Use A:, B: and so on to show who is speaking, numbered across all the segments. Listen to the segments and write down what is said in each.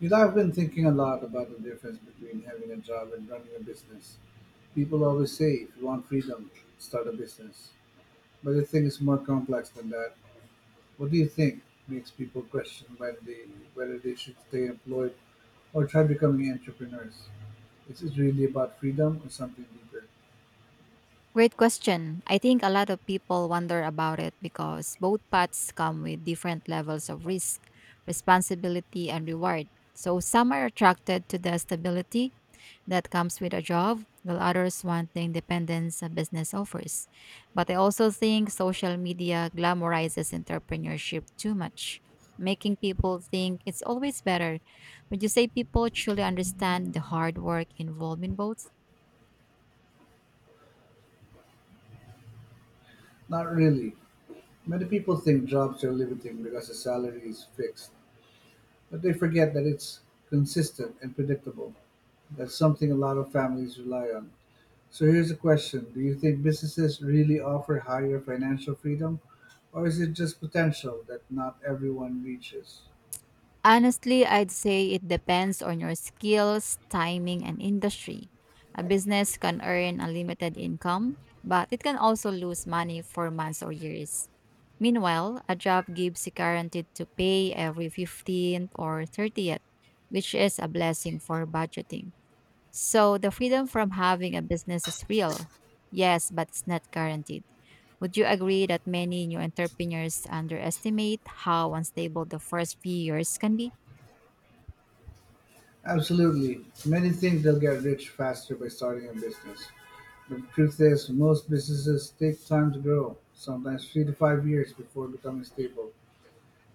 A: You know, I've been thinking a lot about the difference between having a job and running a business. People always say if you want freedom, start a business. But the thing is more complex than that. What do you think makes people question whether they should stay employed or try becoming entrepreneurs? Is it really about freedom or something deeper?
B: Great question. I think a lot of people wonder about it because both paths come with different levels of risk, responsibility, and reward. So some are attracted to the stability that comes with a job, while others want the independence a business offers. But I also think social media glamorizes entrepreneurship too much, making people think it's always better. Would you say people truly understand the hard work involved in both?
A: Not really. Many people think jobs are limiting because the salary is fixed, but they forget that it's consistent and predictable. That's something a lot of families rely on. So here's a question. Do you think businesses really offer higher financial freedom, or is it just potential that not everyone reaches?
B: Honestly, I'd say it depends on your skills, timing, and industry. A business can earn unlimited income, but it can also lose money for months or years. Meanwhile, a job gives you guaranteed to pay every 15th or 30th, which is a blessing for budgeting. So the freedom from having a business is real. Yes, but it's not guaranteed. Would you agree that many new entrepreneurs underestimate how unstable the first few years can be?
A: Absolutely. Many think they'll get rich faster by starting a business. But the truth is, most businesses take time to grow, sometimes 3 to 5 years before becoming stable.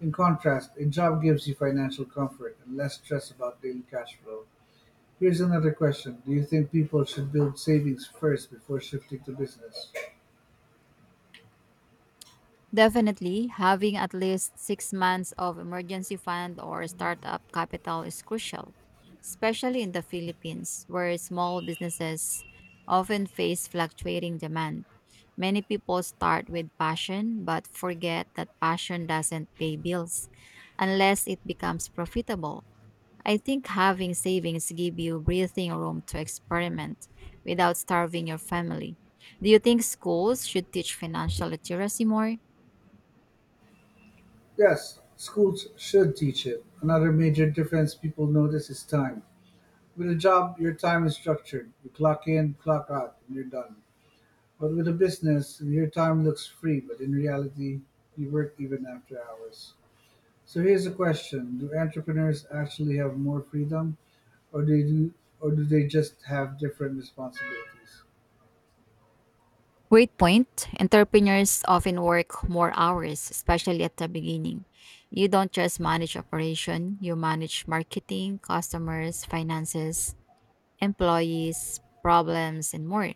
A: In contrast, a job gives you financial comfort and less stress about daily cash flow. Here's another question. Do you think people should build savings first before shifting to business?
B: Definitely, having at least 6 months of emergency fund or startup capital is crucial, especially in the Philippines, where small businesses often face fluctuating demand. Many people start with passion but forget that passion doesn't pay bills unless it becomes profitable. I think having savings give you breathing room to experiment without starving your family. Do you think schools should teach financial literacy more?
A: Yes, schools should teach it. Another major difference people notice is time. With a job, your time is structured. You clock in, clock out, and you're done. But with a business, your time looks free, but in reality, you work even after hours. So here's a question: Do entrepreneurs actually have more freedom, or do do, or do they just have different responsibilities?
B: Great point. Entrepreneurs often work more hours, especially at the beginning. You don't just manage operation, you manage marketing, customers, finances, employees, problems, and more.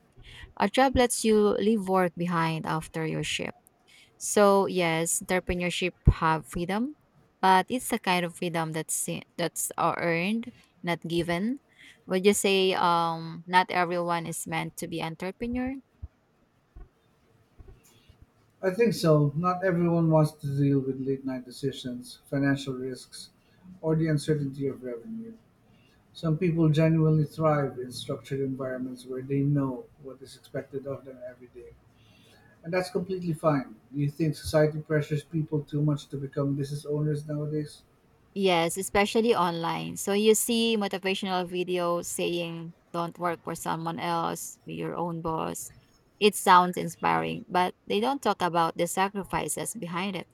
B: A job lets you leave work behind after your shift. So yes, entrepreneurship have freedom, but it's the kind of freedom that's earned, not given. Would you say not everyone is meant to be entrepreneur?
A: I think so. Not everyone wants to deal with late night decisions, financial risks, or the uncertainty of revenue. Some people genuinely thrive in structured environments where they know what is expected of them every day, and that's completely fine. Do you think society pressures people too much to become business owners nowadays?
B: Yes, especially online. So you see motivational videos saying, don't work for someone else, be your own boss. It sounds inspiring, but they don't talk about the sacrifices behind it,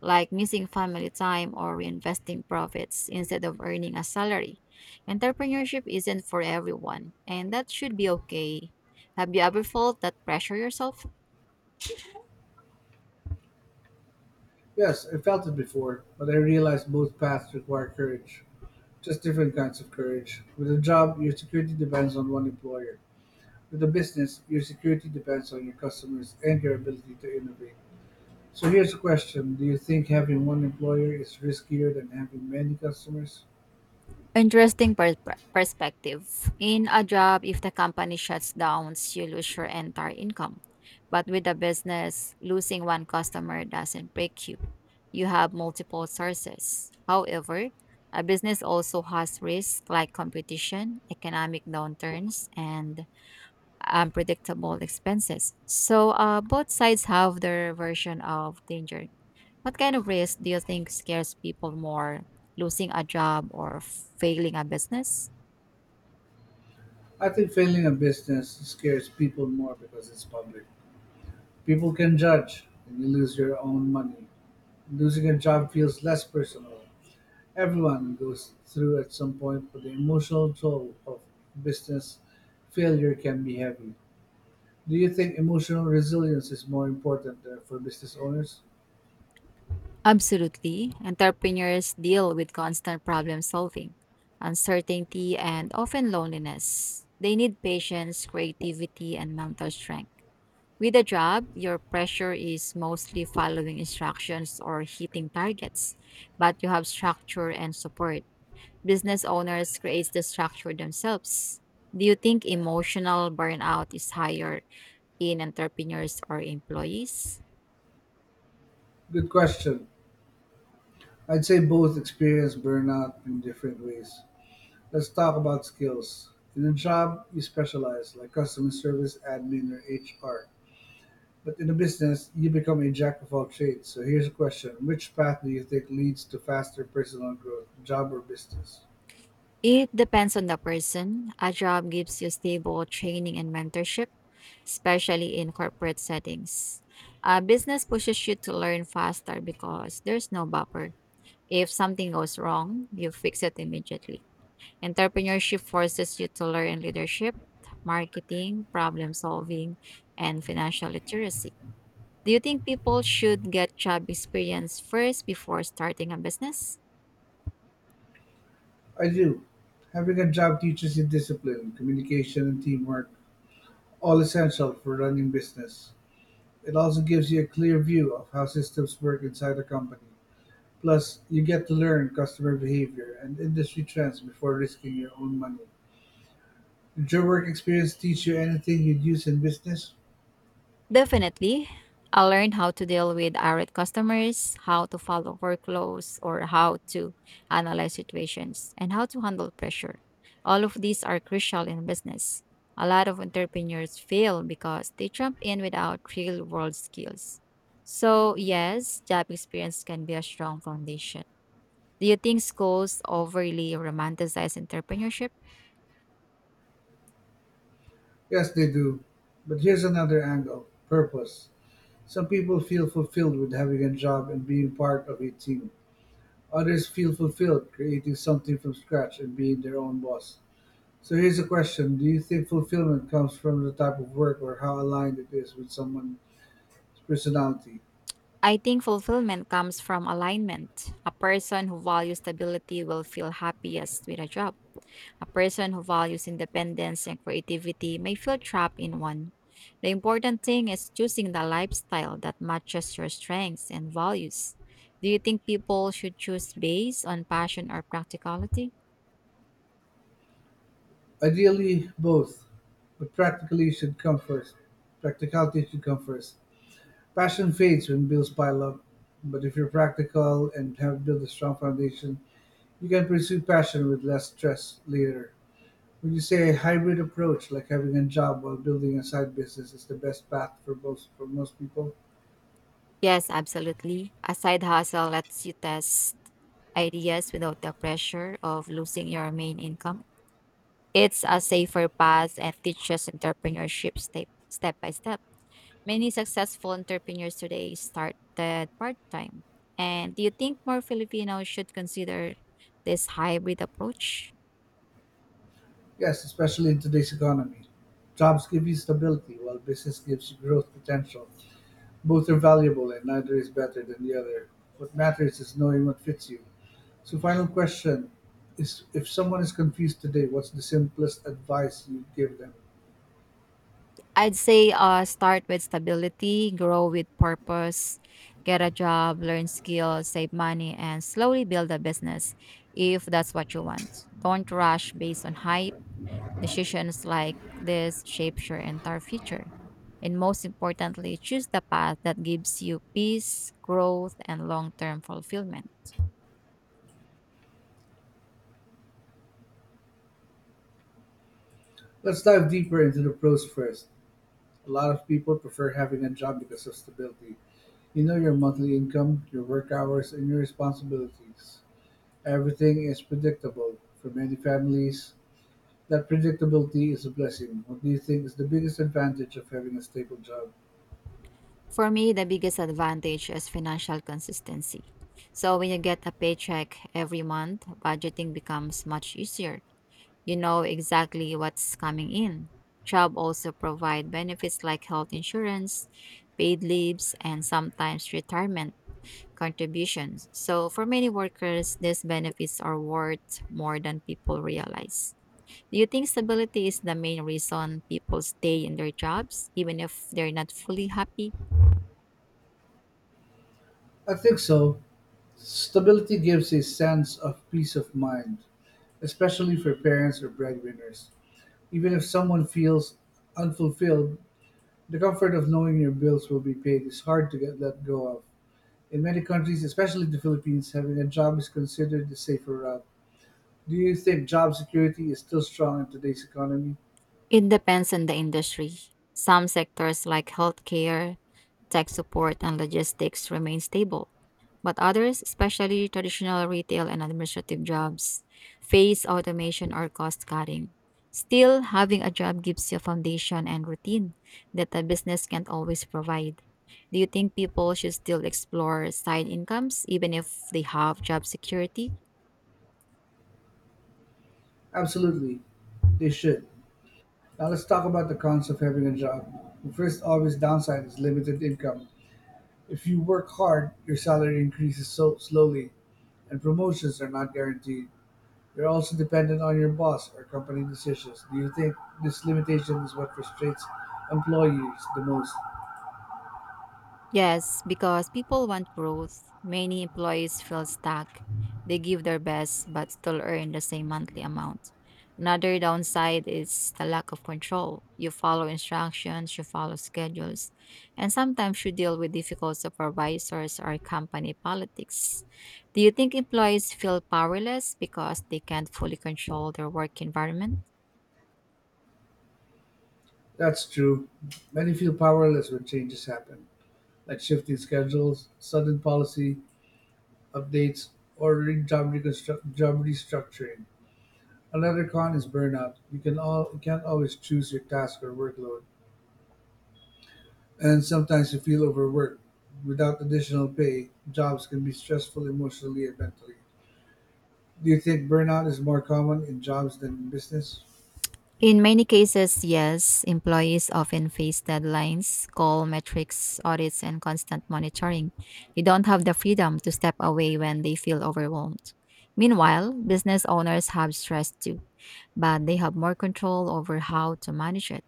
B: like missing family time or reinvesting profits instead of earning a salary. Entrepreneurship isn't for everyone, and that should be okay. Have you ever felt that pressure yourself?
A: Yes, I felt it before, but I realized both paths require courage. Just different kinds of courage. With a job, your security depends on one employer. With a business, your security depends on your customers and your ability to innovate. So here's a question. Do you think having one employer is riskier than having many customers?
B: Interesting perspective. In a job, if the company shuts down, you lose your entire income. But with a business, losing one customer doesn't break you. You have multiple sources. However, a business also has risks like competition, economic downturns, and unpredictable expenses. So both sides have their version of danger. What kind of risk do you think scares people more, losing a job or failing a business?
A: I think failing a business scares people more because it's public. People can judge, and you lose your own money. Losing a job feels less personal. Everyone goes through at some point, but the emotional toll of business failure can be heavy. Do you think emotional resilience is more important for business owners?
B: Absolutely. Entrepreneurs deal with constant problem solving, uncertainty, and often loneliness. They need patience, creativity, and mental strength. With a job, your pressure is mostly following instructions or hitting targets, but you have structure and support. Business owners create the structure themselves. Do you think emotional burnout is higher in entrepreneurs or employees?
A: Good question. I'd say both experience burnout in different ways. Let's talk about skills. In a job, you specialize, like customer service, admin, or HR. But in a business, you become a jack-of-all-trades, so here's a question: which path do you think leads to faster personal growth, job or business?
B: It depends on the person. A job gives you stable training and mentorship, especially in corporate settings. A business pushes you to learn faster because there's no buffer. If something goes wrong, you fix it immediately. Entrepreneurship forces you to learn leadership, marketing, problem solving, and financial literacy. Do you think people should get job experience first before starting a business?
A: I do. Having a job teaches you discipline, communication, and teamwork, all essential for running business. It also gives you a clear view of how systems work inside a company. Plus, you get to learn customer behavior and industry trends before risking your own money. Did your work experience teach you anything you'd use in business?
B: Definitely. I learned how to deal with irate customers, how to follow workflows, or how to analyze situations, and how to handle pressure. All of these are crucial in business. A lot of entrepreneurs fail because they jump in without real world skills. So, yes, job experience can be a strong foundation. Do you think schools overly romanticize entrepreneurship?
A: Yes, they do. But here's another angle purpose. Some people feel fulfilled with having a job and being part of a team. Others feel fulfilled creating something from scratch and being their own boss. So here's a question. Do you think fulfillment comes from the type of work or how aligned it is with someone's personality?
B: I think fulfillment comes from alignment. A person who values stability will feel happiest with a job. A person who values independence and creativity may feel trapped in one. The important thing is choosing the lifestyle that matches your strengths and values. Do you think people should choose based on passion or practicality?
A: Ideally, both, but practically should come first. Practicality should come first. Passion fades when bills pile up, but if you're practical and have built a strong foundation, you can pursue passion with less stress later. Would you say a hybrid approach, like having a job while building a side business, is the best path for most people?
B: Yes, absolutely. A side hustle lets you test ideas without the pressure of losing your main income. It's a safer path and teaches entrepreneurship step by step. Many successful entrepreneurs today started part time. And do you think more Filipinos should consider this hybrid approach?
A: Yes, especially in today's economy. Jobs give you stability, while business gives you growth potential. Both are valuable, and neither is better than the other. What matters is knowing what fits you. So, final question is: If someone is confused today, what's the simplest advice you give them?
B: I'd say start with stability, grow with purpose, get a job, learn skills, save money, and slowly build a business if that's what you want. Don't rush based on hype. Decisions like this shapes your entire future. And most importantly, choose the path that gives you peace, growth, and long term fulfillment.
A: Let's dive deeper into the pros first. A lot of people prefer having a job because of stability. You know your monthly income, your work hours, and your responsibilities. Everything is predictable. For many families, that predictability is a blessing. What do you think is the biggest advantage of having a stable job?
B: For me, the biggest advantage is financial consistency. So, when you get a paycheck every month, budgeting becomes much easier. You know exactly what's coming in. Job also provide benefits like health insurance, paid leaves, and sometimes retirement contributions. So, for many workers, these benefits are worth more than people realize. Do you think stability is the main reason people stay in their jobs, even if they're not fully happy?
A: I think so. Stability gives a sense of peace of mind, especially for parents or breadwinners. Even if someone feels unfulfilled, the comfort of knowing your bills will be paid is hard to get let go of. In many countries, especially the Philippines, having a job is considered the safer route. Do you think job security is still strong in today's economy?
B: It depends on the industry. Some sectors like healthcare, tech support, and logistics remain stable, but others, especially traditional retail and administrative jobs, face automation or cost cutting. Still, having a job gives you a foundation and routine that a business can't always provide. Do you think people should still explore side incomes even if they have job security?
A: Absolutely, they should. Now let's talk about the cons of having a job. The first obvious downside is limited income. If you work hard, your salary increases so slowly, and promotions are not guaranteed. You're also dependent on your boss or company decisions. Do you think this limitation is what frustrates employees the most?
B: Yes, because people want growth. Many employees feel stuck. They give their best but still earn the same monthly amount. Another downside is the lack of control. You follow instructions, you follow schedules, and sometimes you deal with difficult supervisors or company politics. Do you think employees feel powerless because they can't fully control their work environment?
A: That's true. Many feel powerless when changes happen, like shifting schedules, sudden policy, updates, or job restructuring. Another con is burnout. You can't always choose your task or workload, and sometimes you feel overworked. Without additional pay, jobs can be stressful emotionally and mentally. Do you think burnout is more common in jobs than in business?
B: In many cases, yes, employees often face deadlines, goal metrics, audits, and constant monitoring. They don't have the freedom to step away when they feel overwhelmed. Meanwhile, business owners have stress too, but they have more control over how to manage it.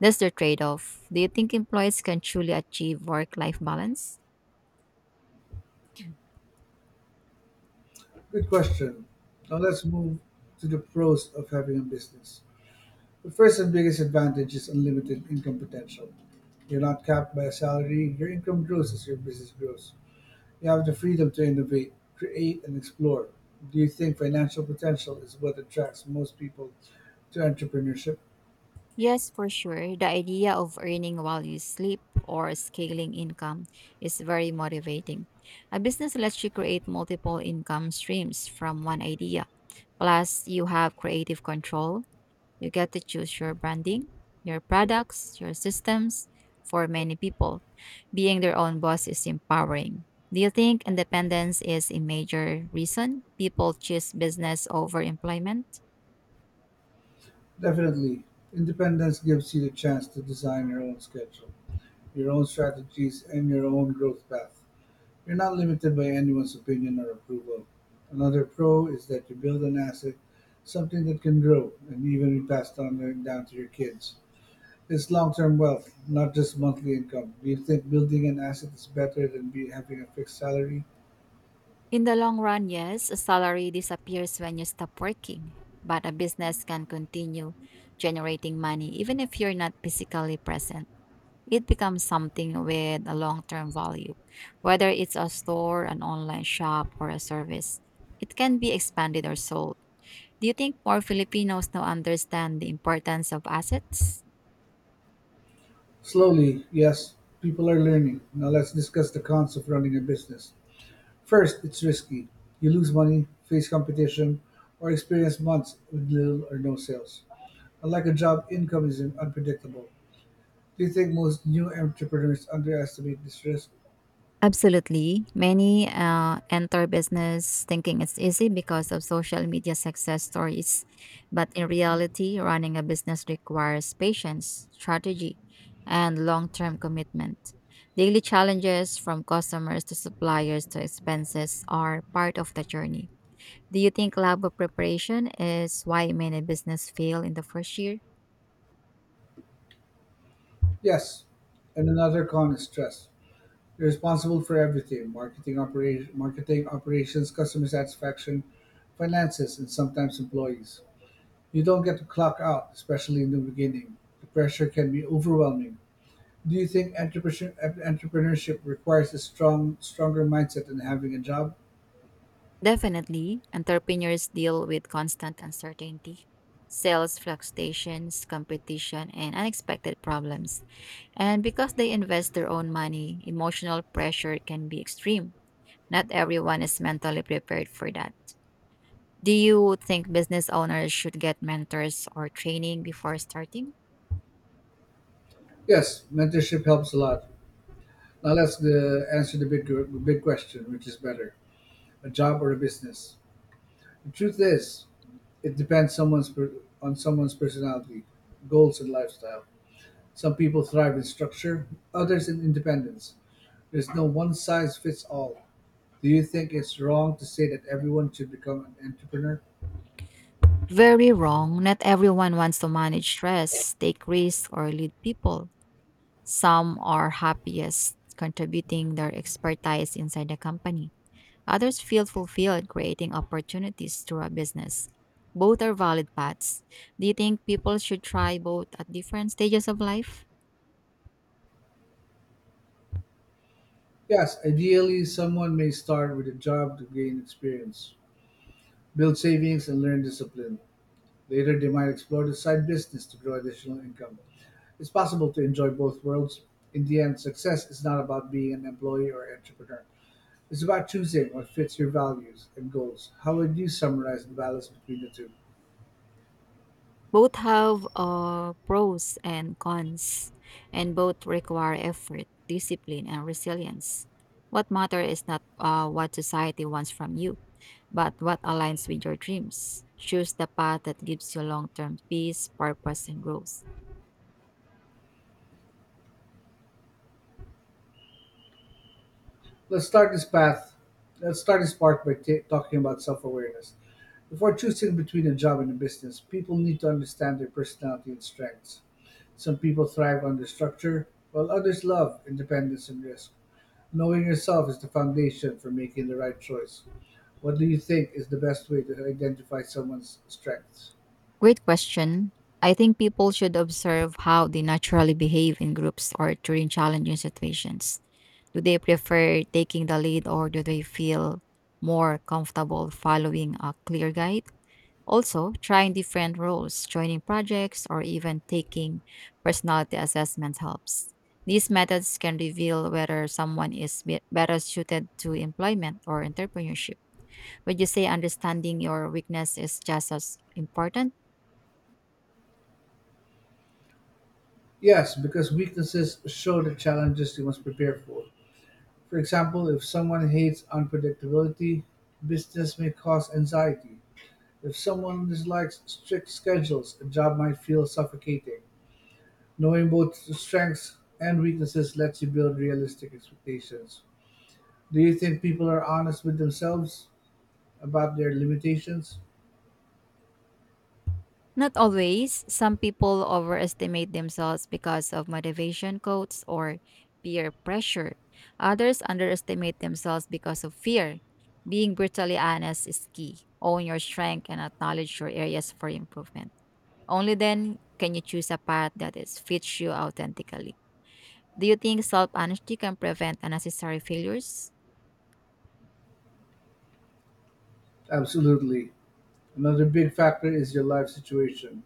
B: That's the trade off. Do you think employees can truly achieve work life balance?
A: Good question. Now let's move to the pros of having a business. The first and biggest advantage is unlimited income potential. You're not capped by a salary. Your income grows as your business grows. You have the freedom to innovate, create and explore. Do you think financial potential is what attracts most people to entrepreneurship?
B: Yes, for sure. The idea of earning while you sleep or scaling income is very motivating. A business lets you create multiple income streams from one idea. Plus, you have creative control. You get to choose your branding, your products, your systems. For many people, being their own boss is empowering. Do you think independence is a major reason people choose business over employment?
A: Definitely. Independence gives you the chance to design your own schedule, your own strategies, and your own growth path. You're not limited by anyone's opinion or approval. Another pro is that you build an asset, something that can grow and even be passed on down to your kids. It's long-term wealth, not just monthly income. Do you think building an asset is better than be having a fixed salary?
B: In the long run, yes, a salary disappears when you stop working, but a business can continue generating money even if you're not physically present. It becomes something with a long term value, whether it's a store, an online shop, or a service. It can be expanded or sold. Do you think more Filipinos now understand the importance of assets?
A: Slowly, yes, people are learning. Now let's discuss the cons of running a business. First, it's risky. You lose money, face competition, or experience months with little or no sales. Unlike a job, income is unpredictable. Do you think most new entrepreneurs underestimate this risk?
B: Absolutely. Many enter business thinking it's easy because of social media success stories. But in reality, running a business requires patience, strategy, and long term commitment. Daily challenges from customers to suppliers to expenses are part of the journey. Do you think lack of preparation is why many business fail in the first year?
A: Yes. And another con is stress. You're responsible for everything marketing, marketing operations, customer satisfaction, finances, and sometimes employees. You don't get to clock out, especially in the beginning. The pressure can be overwhelming. Do you think entrepreneurship requires a stronger mindset than having a job?
B: Definitely, entrepreneurs deal with constant uncertainty, sales fluctuations, competition, and unexpected problems. And because they invest their own money, emotional pressure can be extreme. Not everyone is mentally prepared for that. Do you think business owners should get mentors or training before starting?
A: Yes, mentorship helps a lot. Now let's answer the the big question, which is better, a job or a business? The truth is, it depends on someone's personality, goals, and lifestyle. Some people thrive in structure, others in independence. There's no one size fits all. Do you think it's wrong to say that everyone should become an entrepreneur?
B: Very wrong. Not everyone wants to manage stress, take risks, or lead people. Some are happiest contributing their expertise inside the company. Others feel fulfilled creating opportunities through a business. Both are valid paths. Do you think people should try both at different stages of life?
A: Yes, ideally, someone may start with a job to gain experience, build savings, and learn discipline. Later, they might explore the side business to grow additional income. It's possible to enjoy both worlds. In the end, success is not about being an employee or entrepreneur. It's about choosing what fits your values and goals. How would you summarize the balance between the two?
B: Both have pros and cons, and both require effort, discipline, and resilience. What matters is not what society wants from you but what aligns with your dreams. Choose the path that gives you long term peace, purpose, and growth.
A: Let's start this path. Let's start this part by ta talking about self awareness. Before choosing between a job and a business, people need to understand their personality and strengths. Some people thrive under structure, while others love independence and risk. Knowing yourself is the foundation for making the right choice. What do you think is the best way to identify someone's strengths?
B: Great question. I think people should observe how they naturally behave in groups or during challenging situations. Do they prefer taking the lead or do they feel more comfortable following a clear guide? Also, trying different roles, joining projects, or even taking personality assessments helps. These methods can reveal whether someone is better suited to employment or entrepreneurship. Would you say understanding your weakness is just as important?
A: Yes, because weaknesses show the challenges you must prepare for. For example, if someone hates unpredictability, business may cause anxiety. If someone dislikes strict schedules, a job might feel suffocating. Knowing both strengths and weaknesses lets you build realistic expectations. Do you think people are honest with themselves about their limitations?
B: Not always. Some people overestimate themselves because of motivation quotes or peer pressure. Others underestimate themselves because of fear. Being brutally honest is key. Own your strength and acknowledge your areas for improvement. Only then can you choose a path that is fits you authentically. Do you think self honesty can prevent unnecessary failures?
A: Absolutely. Another big factor is your life situation.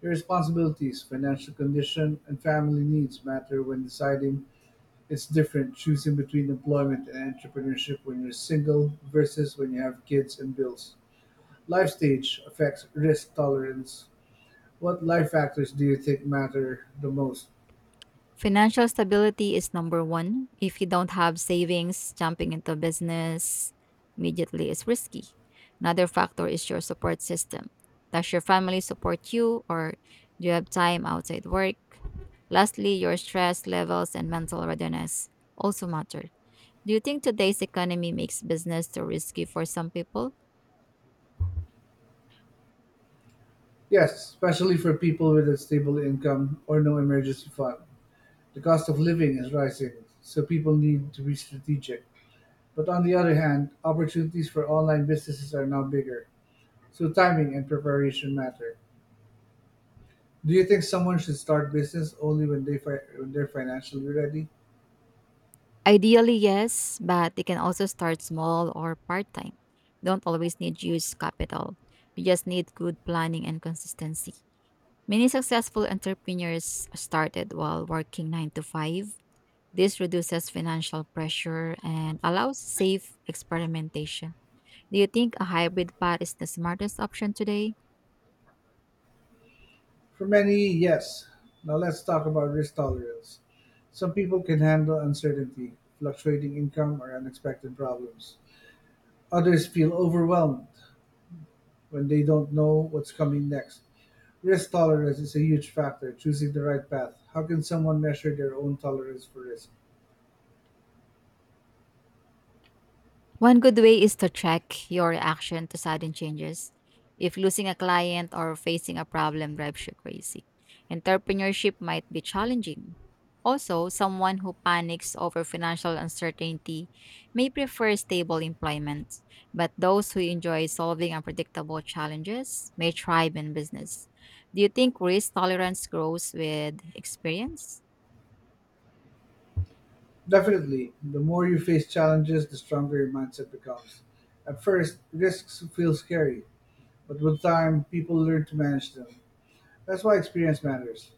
A: Your responsibilities, financial condition, and family needs matter when deciding. It's different choosing between employment and entrepreneurship when you're single versus when you have kids and bills. Life stage affects risk tolerance. What life factors do you think matter the most?
B: Financial stability is number one. If you don't have savings, jumping into business immediately is risky. Another factor is your support system. Does your family support you, or do you have time outside work? Lastly, your stress levels and mental readiness also matter. Do you think today's economy makes business too risky for some people?
A: Yes, especially for people with a stable income or no emergency fund. The cost of living is rising, so people need to be strategic. But on the other hand, opportunities for online businesses are now bigger, so timing and preparation matter. Do you think someone should start business only when they're financially ready?
B: Ideally, yes, but they can also start small or part time. Don't always need huge capital. You just need good planning and consistency. Many successful entrepreneurs started while working 9 to 5. This reduces financial pressure and allows safe experimentation. Do you think a hybrid path is the smartest option today?
A: For many, yes. Now let's talk about risk tolerance. Some people can handle uncertainty, fluctuating income, or unexpected problems. Others feel overwhelmed when they don't know what's coming next. Risk tolerance is a huge factor, choosing the right path. How can someone measure their own tolerance for risk?
B: One good way is to track your reaction to sudden changes. If losing a client or facing a problem drives you crazy, entrepreneurship might be challenging. Also, someone who panics over financial uncertainty may prefer stable employment, but those who enjoy solving unpredictable challenges may thrive in business. Do you think risk tolerance grows with experience?
A: Definitely, the more you face challenges, the stronger your mindset becomes. At first, risks feel scary, but with time, people learn to manage them. That's why experience matters.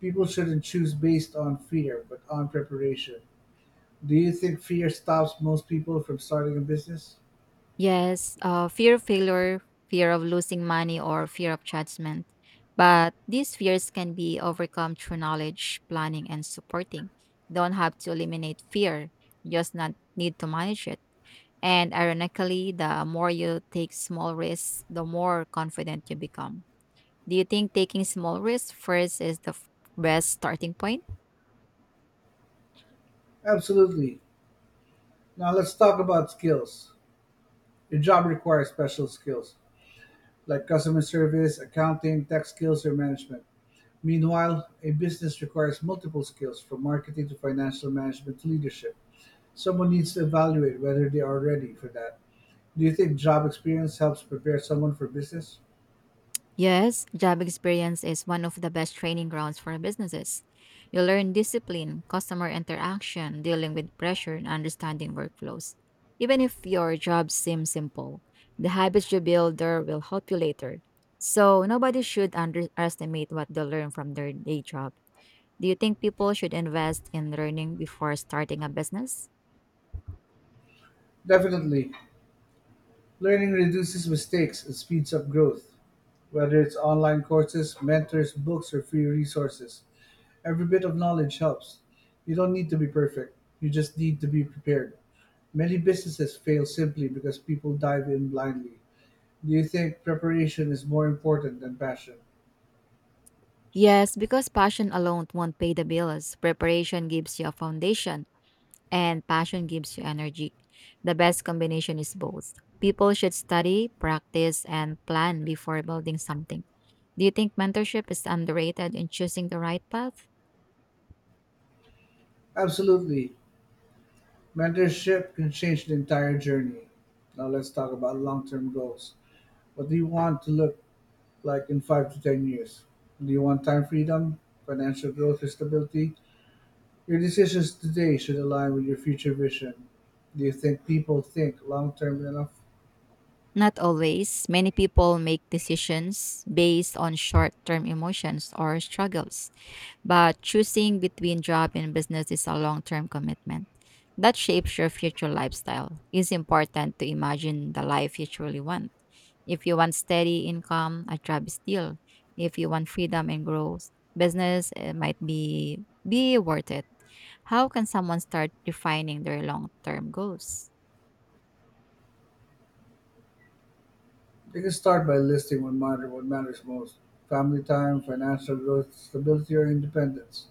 A: People shouldn't choose based on fear, but on preparation. Do you think fear stops most people from starting a business?
B: Yes, fear of failure, fear of losing money, or fear of judgment. But these fears can be overcome through knowledge, planning, and supporting. Don't have to eliminate fear, just not need to manage it. And ironically, the more you take small risks, the more confident you become. Do you think taking small risks first is best starting point?
A: Absolutely. Now let's talk about skills. Your job requires special skills, like customer service, accounting, tech skills, or management. Meanwhile, a business requires multiple skills from marketing to financial management to leadership. Someone needs to evaluate whether they are ready for that. Do you think job experience helps prepare someone for business?
B: Yes, job experience is one of the best training grounds for businesses. You learn discipline, customer interaction, dealing with pressure, and understanding workflows. Even if your job seems simple, the habits you build there will help you later. So, nobody should underestimate what they learn from their day job. Do you think people should invest in learning before starting a business?
A: Definitely. Learning reduces mistakes and speeds up growth, whether it's online courses, mentors, books, or free resources. Every bit of knowledge helps. You don't need to be perfect, you just need to be prepared. Many businesses fail simply because people dive in blindly. Do you think preparation is more important than passion?
B: Yes, because passion alone won't pay the bills. Preparation gives you a foundation and passion gives you energy. The best combination is both. People should study, practice, and plan before building something. Do you think mentorship is underrated in choosing the right path?
A: Absolutely. Mentorship can change the entire journey. Now let's talk about long-term goals. What do you want to look like in 5 to 10 years? Do you want time freedom, financial growth, or stability? Your decisions today should align with your future vision. Do you think people think long-term enough?
B: Not always. Many people make decisions based on short term emotions or struggles. But choosing between job and business is a long term commitment that shapes your future lifestyle. It's important to imagine the life you truly want. If you want steady income, a job is still. If you want freedom and growth, business might be worth it. How can someone start defining their long term goals?
A: You can start by listing what matters most: family time, financial growth, stability, or independence.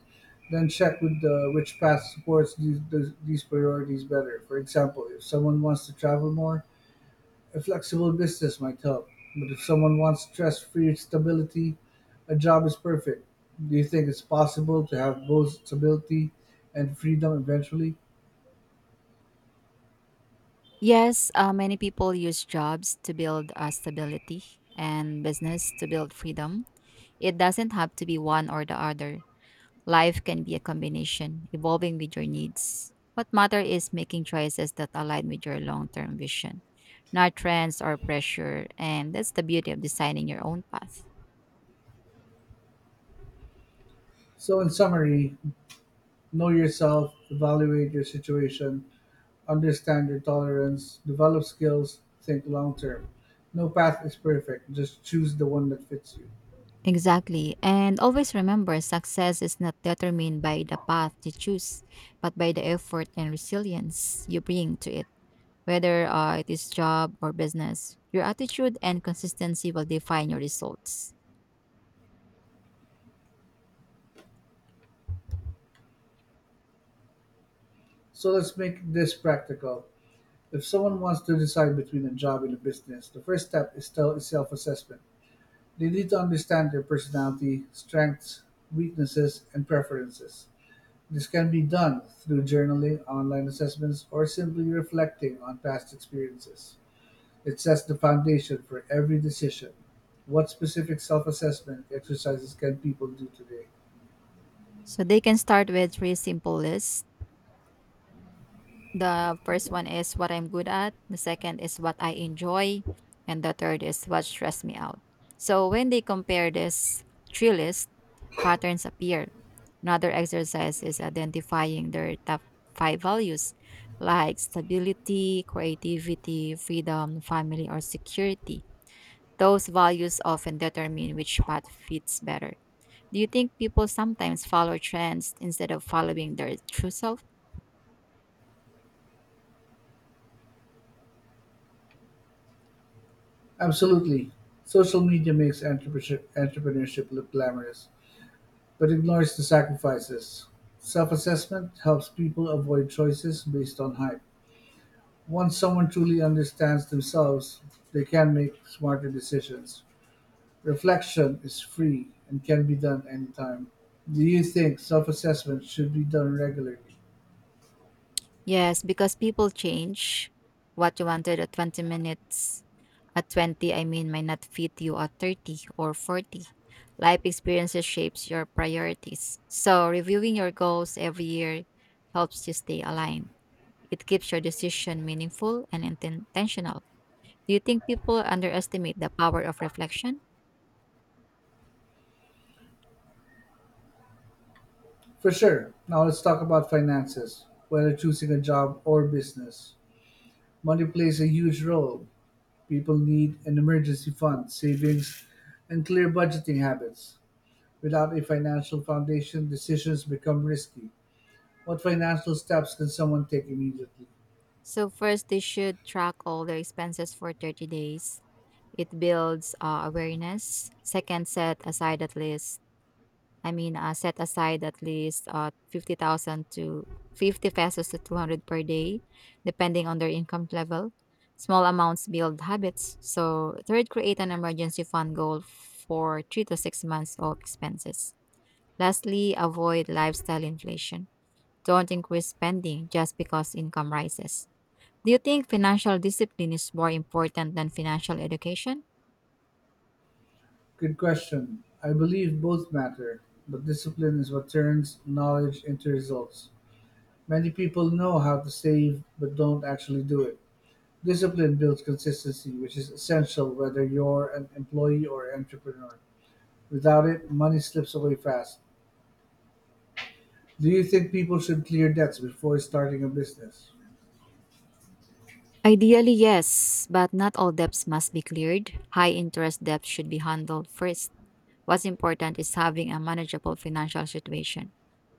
A: Then check with which path supports these priorities better. For example, if someone wants to travel more, a flexible business might help. But if someone wants stress-free stability, a job is perfect. Do you think it's possible to have both stability and freedom eventually?
B: Yes, many people use jobs to build stability and business to build freedom. It doesn't have to be one or the other. Life can be a combination, evolving with your needs. What matters is making choices that align with your long term vision, not trends or pressure. And that's the beauty of designing your own path.
A: So, in summary, know yourself, evaluate your situation, understand your tolerance, develop skills, think long term. No path is perfect, just choose the one that fits you.
B: Exactly. And always remember, success is not determined by the path you choose, but by the effort and resilience you bring to it. Whether it is job or business, your attitude and consistency will define your results.
A: So let's make this practical. If someone wants to decide between a job and a business, the first step is still self assessment. They need to understand their personality, strengths, weaknesses, and preferences. This can be done through journaling, online assessments, or simply reflecting on past experiences. It sets the foundation for every decision. What specific self assessment exercises can people do today?
B: So they can start with three simple lists. The first one is what I'm good at, the second is what I enjoy, and the third is what stress me out. So when they compare this three list, patterns appear. Another exercise is identifying their top five values like stability, creativity, freedom, family, or security. Those values often determine which path fits better. Do you think people sometimes follow trends instead of following their true self?
A: Absolutely. Social media makes entrepreneurship look glamorous, but ignores the sacrifices. Self assessment helps people avoid choices based on hype. Once someone truly understands themselves, they can make smarter decisions. Reflection is free and can be done anytime. Do you think self assessment should be done regularly?
B: Yes, because people change. What you wanted at 20 minutes at 20, I mean, might not fit you at 30 or 40. Life experiences shapes your priorities. So, reviewing your goals every year helps you stay aligned. It keeps your decision meaningful and intentional. Do you think people underestimate the power of reflection?
A: For sure. Now let's talk about finances. Whether choosing a job or business, money plays a huge role. People need an emergency fund, savings, and clear budgeting habits. Without a financial foundation, decisions become risky. What financial steps can someone take immediately?
B: So, first, they should track all their expenses for 30 days. It builds awareness. Second, set aside at least 50,000 to 50 pesos to 200 per day, depending on their income level. Small amounts build habits. So, third, create an emergency fund goal for 3 to 6 months of expenses. Lastly, avoid lifestyle inflation. Don't increase spending just because income rises. Do you think financial discipline is more important than financial education?
A: Good question. I believe both matter, but discipline is what turns knowledge into results. Many people know how to save but don't actually do it. Discipline builds consistency, which is essential whether you're an employee or an entrepreneur. Without it, money slips away fast. Do you think people should clear debts before starting a business?
B: Ideally, yes, but not all debts must be cleared. High interest debts should be handled first. What's important is having a manageable financial situation.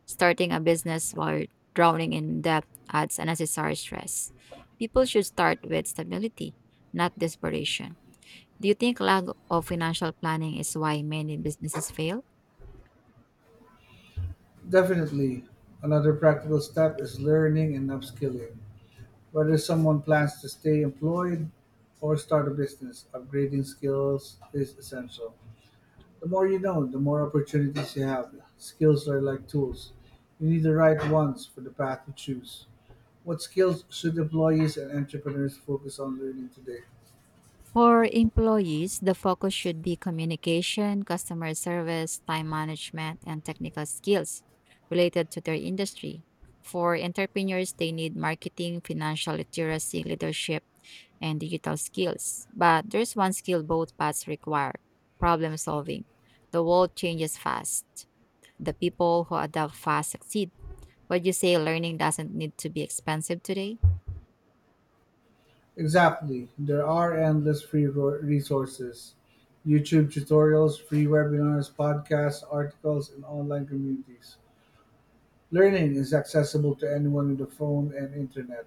B: Starting a business while drowning in debt adds unnecessary stress. People should start with stability, not desperation. Do you think lack of financial planning is why many businesses fail?
A: Definitely. Another practical step is learning and upskilling. Whether someone plans to stay employed or start a business, upgrading skills is essential. The more you know, the more opportunities you have. Skills are like tools. You need the right ones for the path you choose. What skills should employees and entrepreneurs focus on learning today?
B: For employees, the focus should be communication, customer service, time management, and technical skills related to their industry. For entrepreneurs, they need marketing, financial literacy, leadership, and digital skills. But there's one skill both paths require: problem solving. The world changes fast. The people who adapt fast succeed. But you say learning doesn't need to be expensive today?
A: Exactly. There are endless free resources: YouTube tutorials, free webinars, podcasts, articles, and online communities. Learning is accessible to anyone with a phone and internet.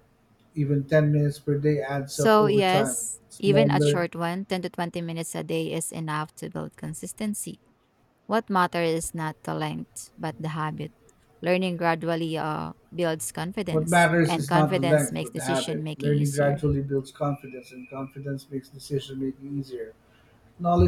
A: Even 10 minutes per day adds up
B: So,
A: over time.
B: yes, even a
A: Smaller.
B: short one, 10 to 20 minutes a day is enough to build consistency. What matters is not the length, but the habit. Learning gradually builds
A: What
B: confidence,
A: matters
B: and
A: is not the
B: confidence
A: length,
B: makes
A: but the
B: decision
A: habit.
B: making
A: Learning
B: easier.
A: gradually builds confidence, and confidence makes decision making easier. Knowledge